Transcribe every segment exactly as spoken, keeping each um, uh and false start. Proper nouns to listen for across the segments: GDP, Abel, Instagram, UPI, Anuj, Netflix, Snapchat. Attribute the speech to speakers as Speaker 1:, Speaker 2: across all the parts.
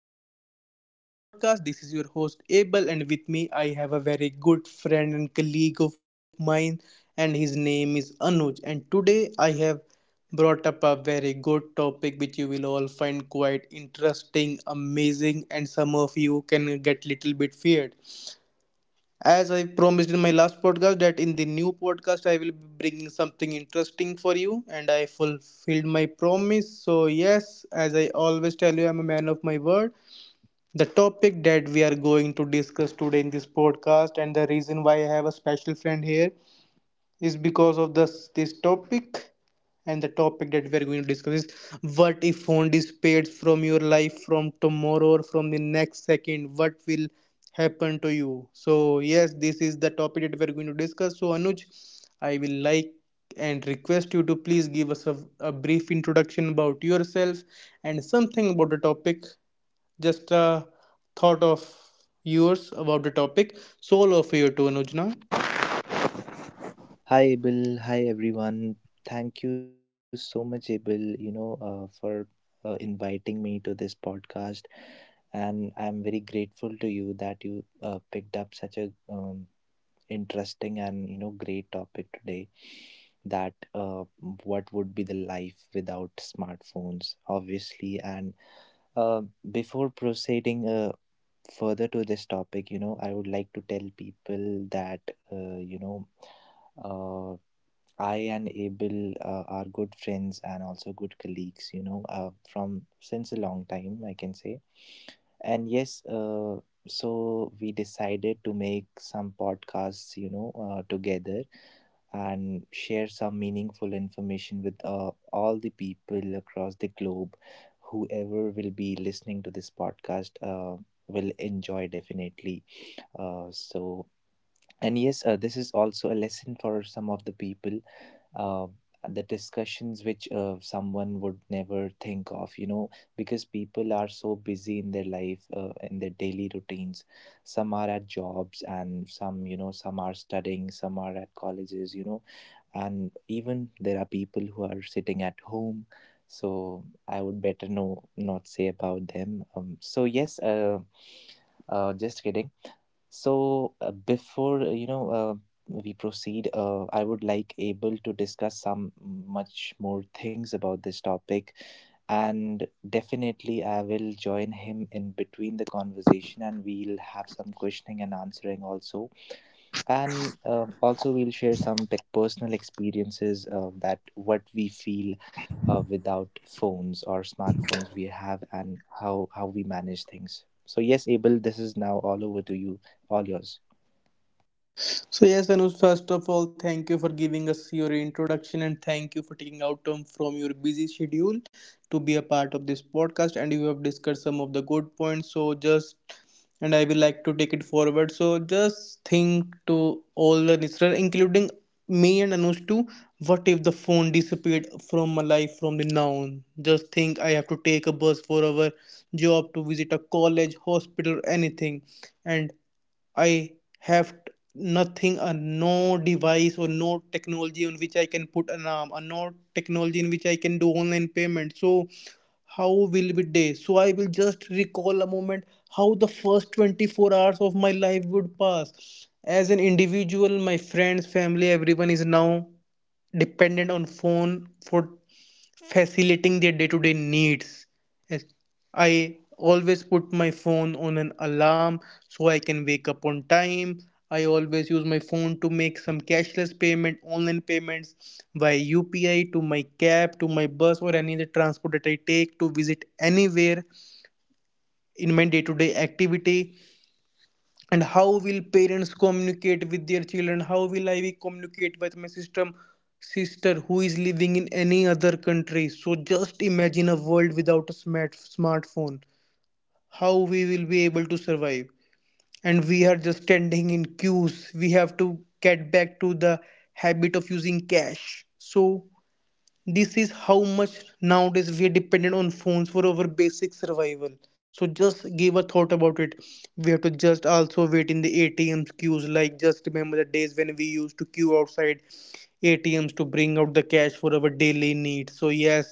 Speaker 1: back to our series of podcast. This is your host Abel and with me I have a very good friend and colleague of mine and his name is Anuj and today I have brought up a very good topic which you will all find quite interesting, amazing and some of you can get little bit feared. As I promised in my last podcast, that in the new podcast I will be bringing something interesting for you, and I fulfilled my promise. So, yes, as I always tell you, I'm a man of my word. The topic that we are going to discuss today in this podcast, and the reason why I have a special friend here, is because of this this topic and the topic that we are going to discuss is, what if phone disappears from your life from tomorrow or from the next second, what will happen to you? So yes, this is the topic that we are going to discuss. So Anuj, I will like and request you to please give us a, a brief introduction about yourself and something about the topic, just a thought of yours about the topic. So all of you to Anuj now.
Speaker 2: Hi, Abel. Hi, everyone. Thank you so much, Abel, you know, uh, for uh, inviting me to this podcast. And I'm very grateful to you that you uh, picked up such a um, interesting and, you know, great topic today that uh, what would be the life without smartphones, obviously. And uh, before proceeding uh, further to this topic, you know, I would like to tell people that, uh, you know, uh. I and Abel uh, are good friends and also good colleagues, you know, uh, from since a long time, I can say. And yes, uh, so we decided to make some podcasts, you know, uh, together and share some meaningful information with uh, all the people across the globe. Whoever will be listening to this podcast uh, will enjoy definitely. Uh, so, and yes, uh, this is also a lesson for some of the people uh, the discussions which uh, someone would never think of you know because people are so busy in their life uh, in their daily routines, some are at jobs and some, you know, some are studying, some are at colleges, you know, and even there are people who are sitting at home. So I would better, no, not say about them. Um, so yes, uh, uh, just kidding. So, uh, before uh, you know, uh, we proceed, uh, I would like able to discuss some much more things about this topic, and definitely I will join him in between the conversation, and we'll have some questioning and answering also, and uh, also we'll share some pe- personal experiences uh, that what we feel. Uh, without phones or smartphones we have, and how how we manage things. So yes, Abel, this is now all over to you, all yours.
Speaker 1: So yes, Anuj, first of all, thank you for giving us your introduction and thank you for taking out time from your busy schedule to be a part of this podcast. And you have discussed some of the good points. So just and I will like to take it forward. So just think to all the listeners, including me and Anush too. What if the phone disappeared from my life from the now on? Just think, I have to take a bus for our job, to visit a college, hospital, anything, and I have nothing, uh, no device or no technology on which I can put an alarm, or no technology in which I can do online payment. So how will it day? So I will just recall a moment how the first twenty-four hours of my life would pass as an individual. My friends, family, everyone is now dependent on phone for facilitating their day-to-day needs. Yes. I always put my phone on an alarm so I can wake up on time. I always use my phone to make some cashless payment, online payments via U P I to my cab, to my bus, or any other transport that I take to visit anywhere in my day to day activity. And how will parents communicate with their children? How will I be communicate with my system sister who is living in any other country? So just imagine a world without a smart smartphone, how we will be able to survive. And we are just standing in queues, we have to get back to the habit of using cash. So this is how much nowadays we are dependent on phones for our basic survival. So just give a thought about it. We have to just also wait in the ATMs queues, like just remember the days when we used to queue outside ATMs to bring out the cash for our daily needs. So yes,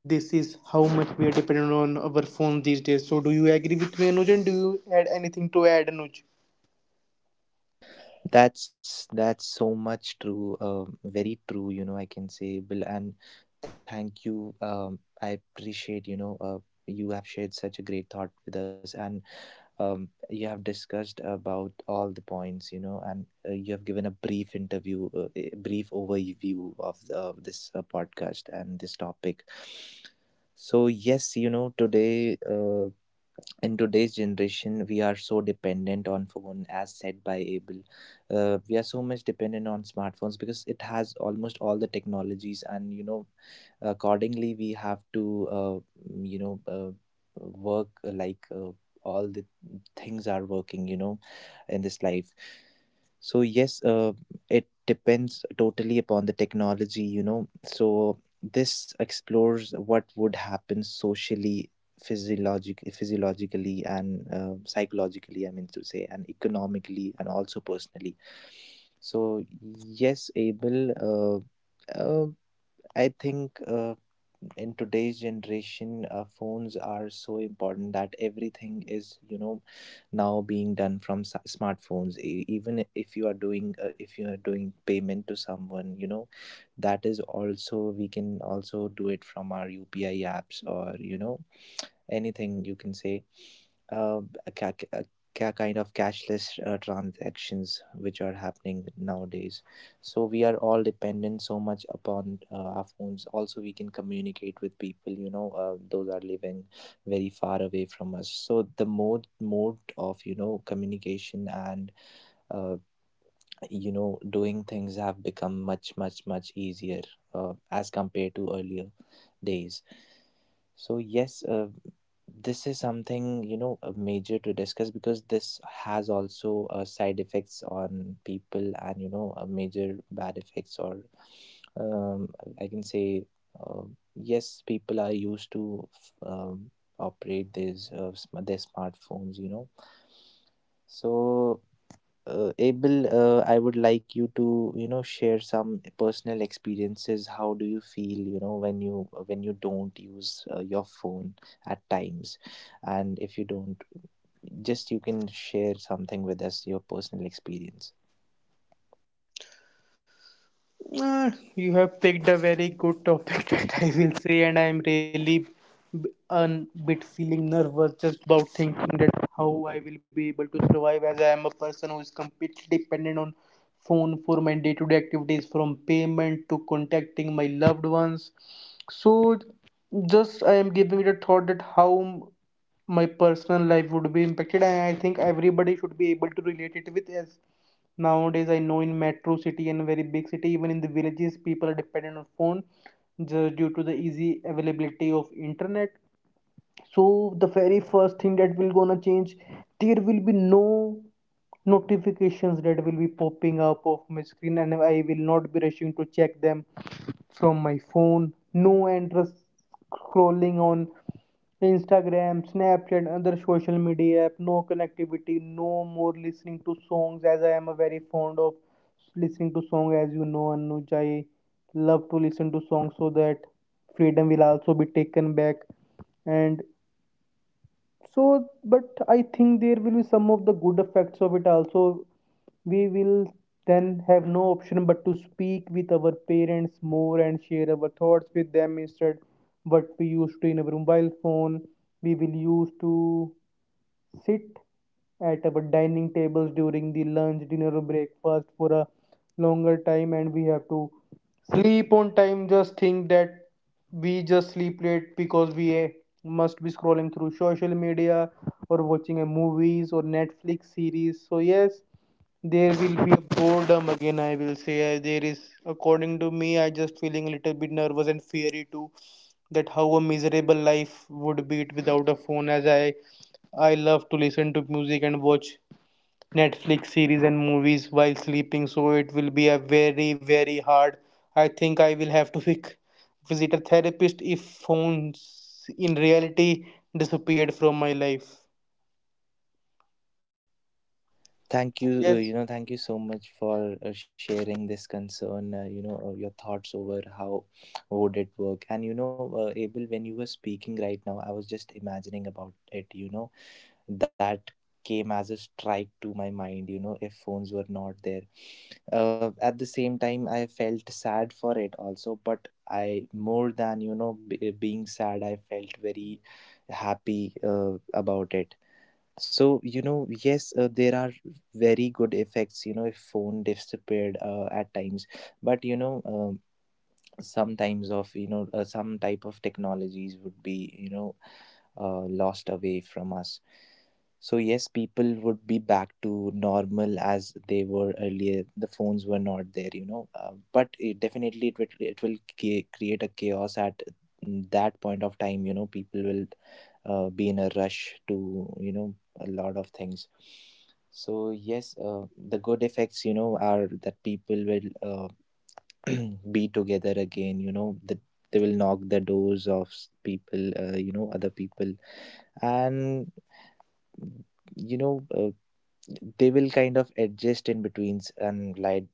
Speaker 1: this is how much we are dependent on our phone these days. So, do you agree with me, Anuj? And do you add anything to add, Anuj?
Speaker 2: That's that's so much true. Um, very true, you know, I can say, Bill, and thank you. Um, I appreciate. You know, uh, you have shared such a great thought with us, and um, you have discussed about all the points. You know, and uh, you have given a brief interview, uh, a brief overview of the, of this uh, podcast and this topic. So yes, you know, today. Uh, in today's generation we are so dependent on phone as said by Abel. Uh, we are so much dependent on smartphones because it has almost all the technologies, and you know, accordingly we have to uh, mm, you know uh, work uh, like uh, all the things are working, you know, in this life. So yes, uh, it depends totally upon the technology, you know, so this explores what would happen socially, physiologic physiologically, and uh, psychologically, I mean to say, and economically, and also personally. So yes, Abel, uh, uh, I think uh, in today's generation, uh, phones are so important that everything is, you know, now being done from s- smartphones. E- Even if you are doing, uh, if you are doing payment to someone, you know, that is also we can also do it from our U P I apps, or you know, anything you can say, uh, a, ca- a ca- kind of cashless uh, transactions which are happening nowadays. So we are all dependent so much upon uh, our phones. Also we can communicate with people, you know, uh, those are living very far away from us. So the mode mode of, you know, communication and uh, you know, doing things have become much much much easier uh, as compared to earlier days. So yes, uh, this is something, you know, uh, major to discuss, because this has also uh, side effects on people, and you know, uh, major bad effects, or um, I can say, uh, yes, people are used to f- um, operate these uh, sm- their smartphones, you know. So, uh, Abel, uh, I would like you to, you know, share some personal experiences. How do you feel, you know, when you when you don't use uh, your phone at times, and if you don't, just you can share something with us, your personal experience.
Speaker 1: Uh, you have picked a very good topic that I will say, and I'm really b- a bit feeling nervous just about thinking that how I will be able to survive, as I am a person who is completely dependent on phone for my day-to-day activities, from payment to contacting my loved ones. So just I am giving it a thought that how my personal life would be impacted, and I think everybody should be able to relate it with us. Nowadays, I know, in metro city and very big city, even in the villages, people are dependent on phone just due to the easy availability of internet. So the very first thing that will gonna change, there will be no notifications that will be popping up of my screen, and I will not be rushing to check them from my phone. No endless scrolling on Instagram, Snapchat, and other social media app, no connectivity, no more listening to songs, as I am a very fond of listening to song. As you know, Anuj, I love to listen to songs, so that freedom will also be taken back. And so, but I think there will be some of the good effects of it also. We will then have no option but to speak with our parents more and share our thoughts with them, instead what we used to in our mobile phone. We will use to sit at our dining tables during the lunch, dinner, or breakfast for a longer time, and we have to sleep on time. Just think that we just sleep late because we eh, must be scrolling through social media or watching a movies or Netflix series. So yes, there will be a boredom again, I will say. Uh, there is, according to me, I just feeling a little bit nervous and fiery too that how a miserable life would be it without a phone, as i i love to listen to music and watch Netflix series and movies while sleeping. So it will be a very very hard. I think I will have to vic- visit a therapist if phones in reality disappeared from my life.
Speaker 2: Thank you,
Speaker 1: Yes.
Speaker 2: uh, you know, thank you so much for uh, sharing this concern. Uh, you know, uh, your thoughts over how would it work, and you know, uh, Abel, when you were speaking right now, I was just imagining about it. You know that came as a strike to my mind, you know, if phones were not there. Uh, at the same time I felt sad for it also, but I, more than you know, b- being sad, I felt very happy uh, about it. So you know, yes, uh, there are very good effects, you know, if phone disappeared uh, at times. But you know, um, sometimes of, you know, uh, some type of technologies would be, you know, uh, lost away from us. So yes, people would be back to normal as they were earlier, the phones were not there, you know. Uh, but it definitely, it will, it will ca- create a chaos at that point of time, you know. People will uh, be in a rush to, you know, a lot of things. So yes, uh, the good effects, you know, are that people will uh, be together again, you know, the, they will knock the doors of s- people, uh, you know, other people. And you know, uh, they will kind of adjust in betweens, and like,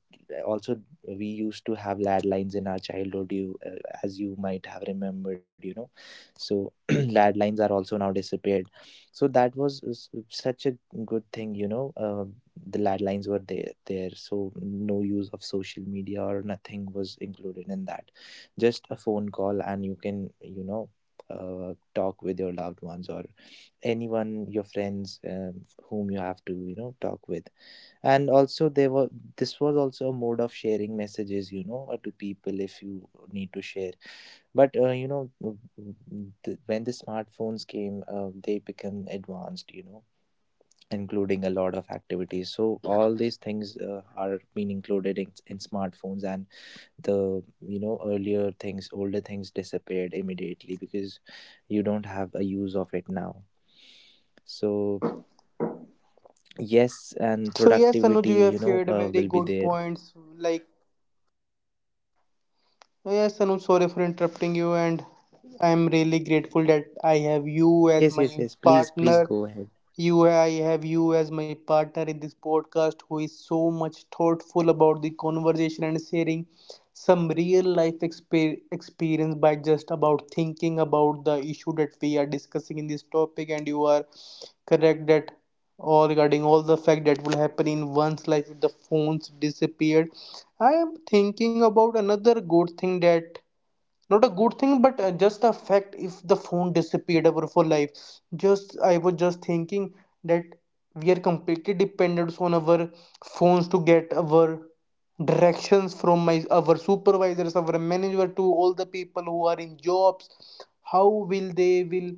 Speaker 2: also, we used to have landlines in our childhood, you uh, as you might have remembered, you know. So landlines are also now disappeared. So that was s- such a good thing, you know. Uh, the landlines were there there so no use of social media or nothing was included in that, just a phone call and you can, you know, uh, talk with your loved ones or anyone, your friends, um, whom you have to, you know, talk with. And also there were, this was also a mode of sharing messages, you know, uh, to people if you need to share. But uh, you know, w- w- th- when the smartphones came, uh, they become advanced, you know, including a lot of activities.
Speaker 1: so,
Speaker 2: So
Speaker 1: ye-
Speaker 2: all these things uh, are being included in, in smartphones, and the, you know, earlier things, older things disappeared immediately, because you don't have a use of it now. So yes, and
Speaker 1: so yes, Anuj,
Speaker 2: productivity,
Speaker 1: you
Speaker 2: you
Speaker 1: have
Speaker 2: know,
Speaker 1: shared
Speaker 2: uh,
Speaker 1: very
Speaker 2: will be
Speaker 1: good
Speaker 2: there.
Speaker 1: points, like, oh, yes, and I'm sorry for interrupting you, and I'm really grateful that I have you as
Speaker 2: Yes, yes,
Speaker 1: my
Speaker 2: yes, please, please
Speaker 1: partner.
Speaker 2: go ahead.
Speaker 1: you, I have you as my partner in this podcast, who is so much thoughtful about the conversation and sharing some real life exper- experience by just about thinking about the issue that we are discussing in this topic. And you are correct that all
Speaker 2: My
Speaker 1: regarding
Speaker 2: pleasure.
Speaker 1: all the fact that will happen in one's life if the phones disappeared. I am thinking about another good thing that, not a good thing, but uh, just a fact, if the phone disappeared ever for life. Just I was just thinking that we are completely dependent on our phones to get our directions from my our supervisors, our manager, to all the people who are in jobs. How will they will,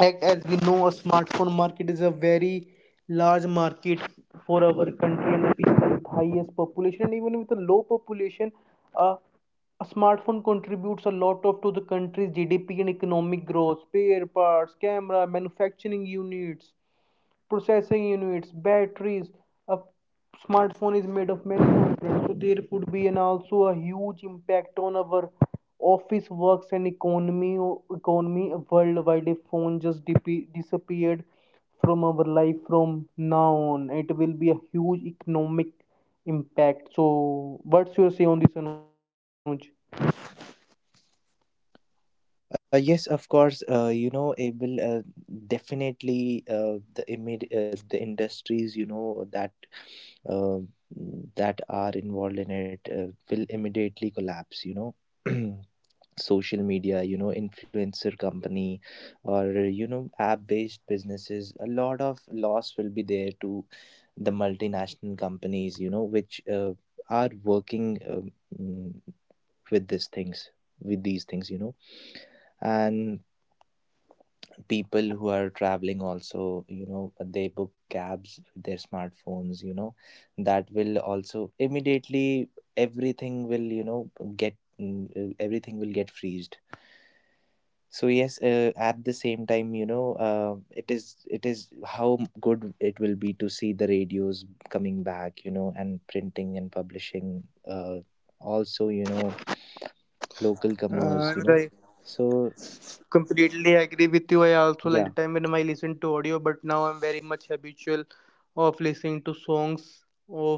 Speaker 1: like, as we know, a smartphone market is a very large market for our country and the people with highest population. And even with a low population, uh, a smartphone contributes a lot of to the country's G D P and economic growth. Spare parts, camera, manufacturing units, processing units, batteries. A smartphone is made of many components, so there could be an also a huge impact on our office works and economy, economy worldwide. If phone just dip- disappeared from our life from now on, it will be a huge economic impact. So, what's your say on this, Anuj?
Speaker 2: uh, Yes, of course, uh, you know, it will uh, definitely, uh, the imid- uh, the industries, you know, that uh, that are involved in it uh, will immediately collapse, you know. Social media, you know, influencer company, or you know, app based businesses, a lot of loss will be there to the multinational companies, you know, which uh, are working um, mm, with these things with these things you know. And people who are traveling also, you know, they book cabs with their smartphones, you know. That will also immediately, everything will, you know, get mm, uh, everything will get freezed. So yes, uh, at the same time, you know, uh, it is it is how good it will be to see the radios coming back, you know, and printing and publishing, uh, also, you know, local
Speaker 1: Uh, and
Speaker 2: commerce, you
Speaker 1: I
Speaker 2: know. So
Speaker 1: completely agree with you. I also like
Speaker 2: yeah,
Speaker 1: the time when I listen to audio, but now I'm very much habitual of listening to songs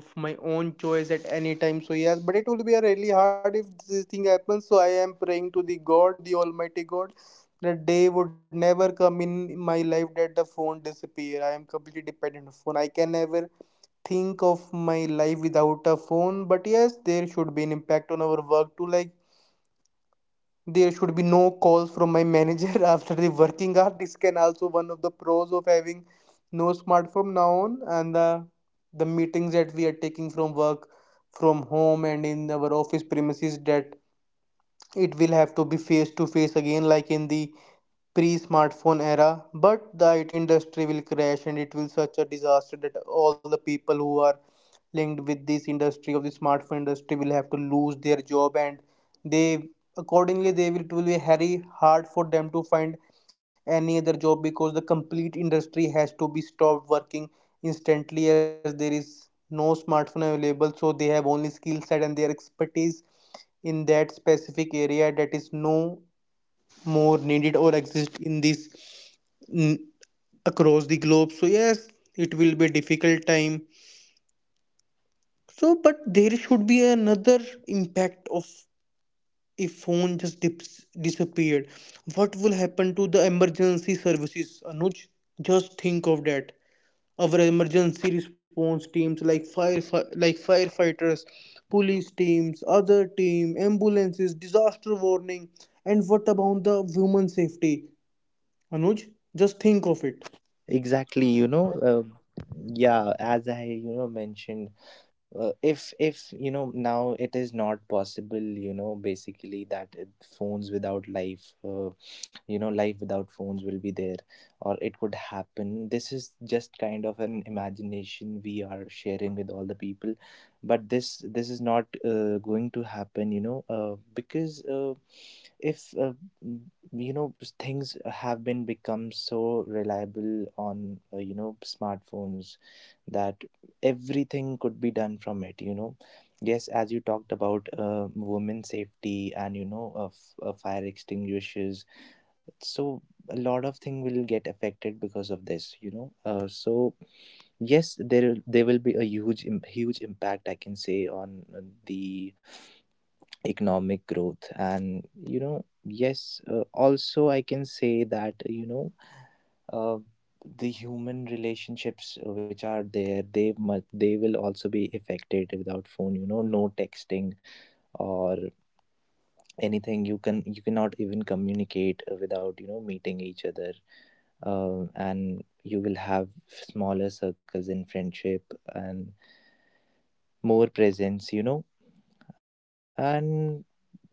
Speaker 1: of my own choice at any time. So yes, but it will be a really hard if this thing happens. So I am praying to the God, to the Almighty God, that day would never come in my life that the phone disappear. I am completely dependent on phone. I can never think of my life without a phone. But yes, there should be an impact on our work too. Like there should be no calls from my manager after the working hour. This can also one of the pros of having no smartphone now on. And the the meetings that we are taking from work, from home and in our office premises, that it will have to be face to face again, like in the pre-smartphone era. But the I T industry will crash and it will such a disaster that all the people who are linked with this industry of the smartphone industry will have to lose their job. And they accordingly they will, it will be very hard for them to find any other job, because the complete industry has to be stopped working instantly, as there is no smartphone available. So they have only skill set and their expertise in that specific area, that is no more needed or exist in this n- across the globe. So yes, it will be a difficult time. So, but there should be another impact of if phone just dips, disappeared. What will happen to the emergency services, Anuj? Just think of that. Our emergency response teams, like fire, like firefighters, police teams, other team, ambulances, disaster warning, and what about the human safety, Anuj? Just think of it.
Speaker 2: exactly, you know. Uh, yeah as I, you know, mentioned, uh, if if you know, now it is not possible, you know, basically that it, phones without life, uh, you know, life without phones will be there, or it could happen. This is just kind of an imagination we are sharing with all the people, but this this is not uh, going to happen, you know. Uh, because uh, if uh, m- You know, s- things have been become so reliable on, uh, you know, smartphones, that everything could be done from it, you know. Yes, as you talked about uh, women safety, and you know, of uh, fire extinguishers. So a lot of thing will get affected because of this, you know. Uh, so yes, there there will be a huge im- huge impact, I can say, on uh, the economic growth. And you know, yes, uh, also, I can say that, you know, uh, the human relationships which are there, they must they will also be affected without phone, you know, no texting or anything. You can, you cannot even communicate without, you know, meeting each other. Uh, and you will have smaller circles in friendship, and more presence, you know. And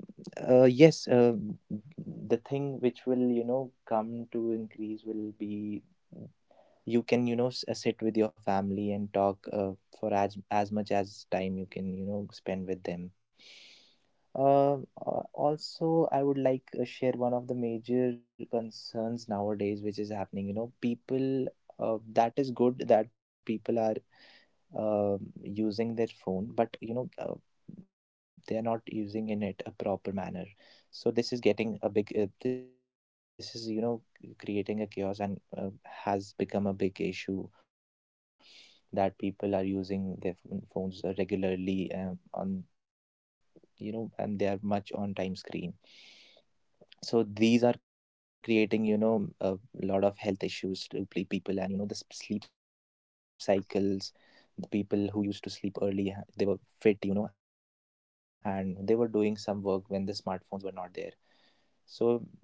Speaker 2: uh, yes, uh, the thing which will, you know, come to increase will be, you can, you know, s- uh, sit with your family and talk uh, for as as much as time you can, you know, spend with them. Um, uh, also I would like uh, share one of the major concerns nowadays which is happening, you know, people uh, that is good that people are um using their phone, but you know, uh, they are not using in it a proper manner. So this is getting a big. Uh, this is, you know, creating a chaos, and uh, has become a big issue that people are using their ph- phones regularly, um, on, you know, and they are much on time screen. So these are creating, you know, a lot of health issues to pe- people. And you know, the s- sleep cycles, the people who used to sleep early ha- they were fit, you know, and they were doing some work when the smartphones were not there.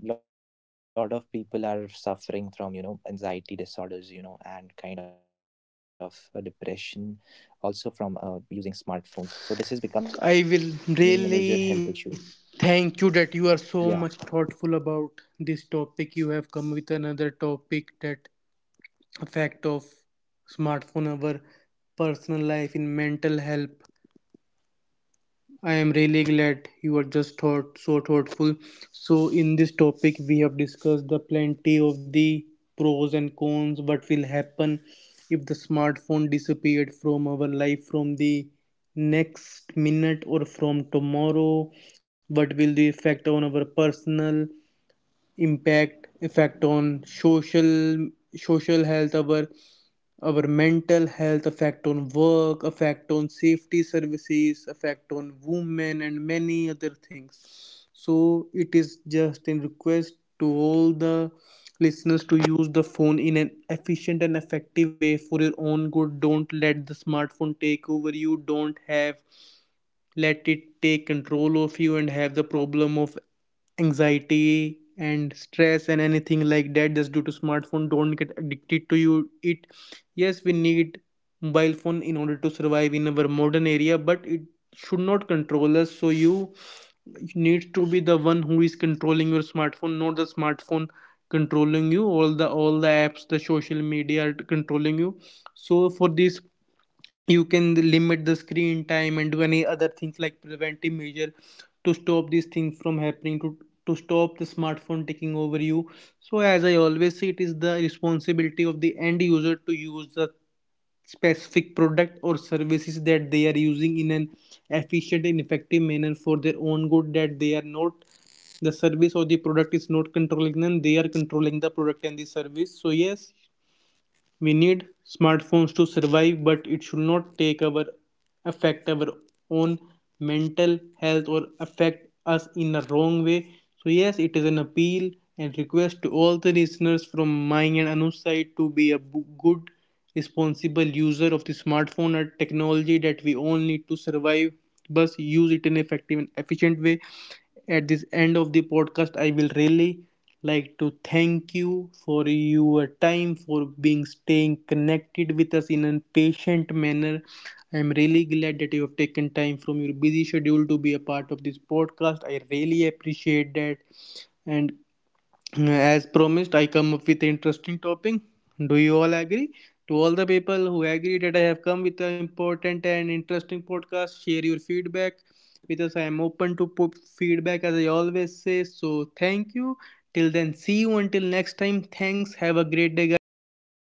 Speaker 2: So, a lot of people are suffering from, you know, anxiety disorders, you know, and kind of a depression, also from uh, using smartphones. So,
Speaker 1: I
Speaker 2: this is
Speaker 1: will
Speaker 2: becoming a major
Speaker 1: really
Speaker 2: health issue.
Speaker 1: thank you that you are so much thoughtful
Speaker 2: Yeah.
Speaker 1: about this topic. You have come with another topic, that effect of smartphone our personal life in mental health. I am really glad you are just thought so thoughtful. So in this topic we have discussed the plenty of the pros and cons, what will happen if the smartphone disappeared from our life from the next minute or from tomorrow, what will the effect on our personal impact, effect on social, social health, our our mental health, effect on work, effect on safety services, effect on women, and many other things. So it is just in request to all the listeners to use the phone in an efficient and effective way for your own good. Don't let the smartphone take over you. Don't have let it take control of you and have the problem of anxiety and stress and anything like that just due to smartphone. Don't get addicted to you it. Yes, we need mobile phone in order to survive in our modern area, but it should not control us. So you you need to be the one who is controlling your smartphone, not the smartphone controlling you. All the, all the apps, the social media are controlling you. So for this, you can limit the screen time and do any other things like preventive measure to stop these things from happening, to to stop the smartphone taking over you. So, as I always say, it is the responsibility of the end user to use the specific product or services that they are using in an efficient and effective manner for their own good, that they are not, the service or the product is not controlling them, they are controlling the product and the service. So, yes, we need smartphones to survive, but it should not take our, affect our own mental health or affect us in a wrong way. So yes, it is an appeal and request to all the listeners from my and Anu's side to be a good, responsible user of the smartphone and technology that we all need to survive. But use it in an effective and efficient way. At this end of the podcast, I will really like to thank you for your time, for being staying connected with us in a patient manner. I am really glad that you have taken time from your busy schedule to be a part of this podcast. I really appreciate that. And as promised, I come up with interesting topic. Do you all agree? To all the people who agree that I have come with an important and interesting podcast, share your feedback with us. I am open to put feedback, as I always say. So thank you. Till then, see you until next time. Thanks. Have a great day, guys. Bye bye.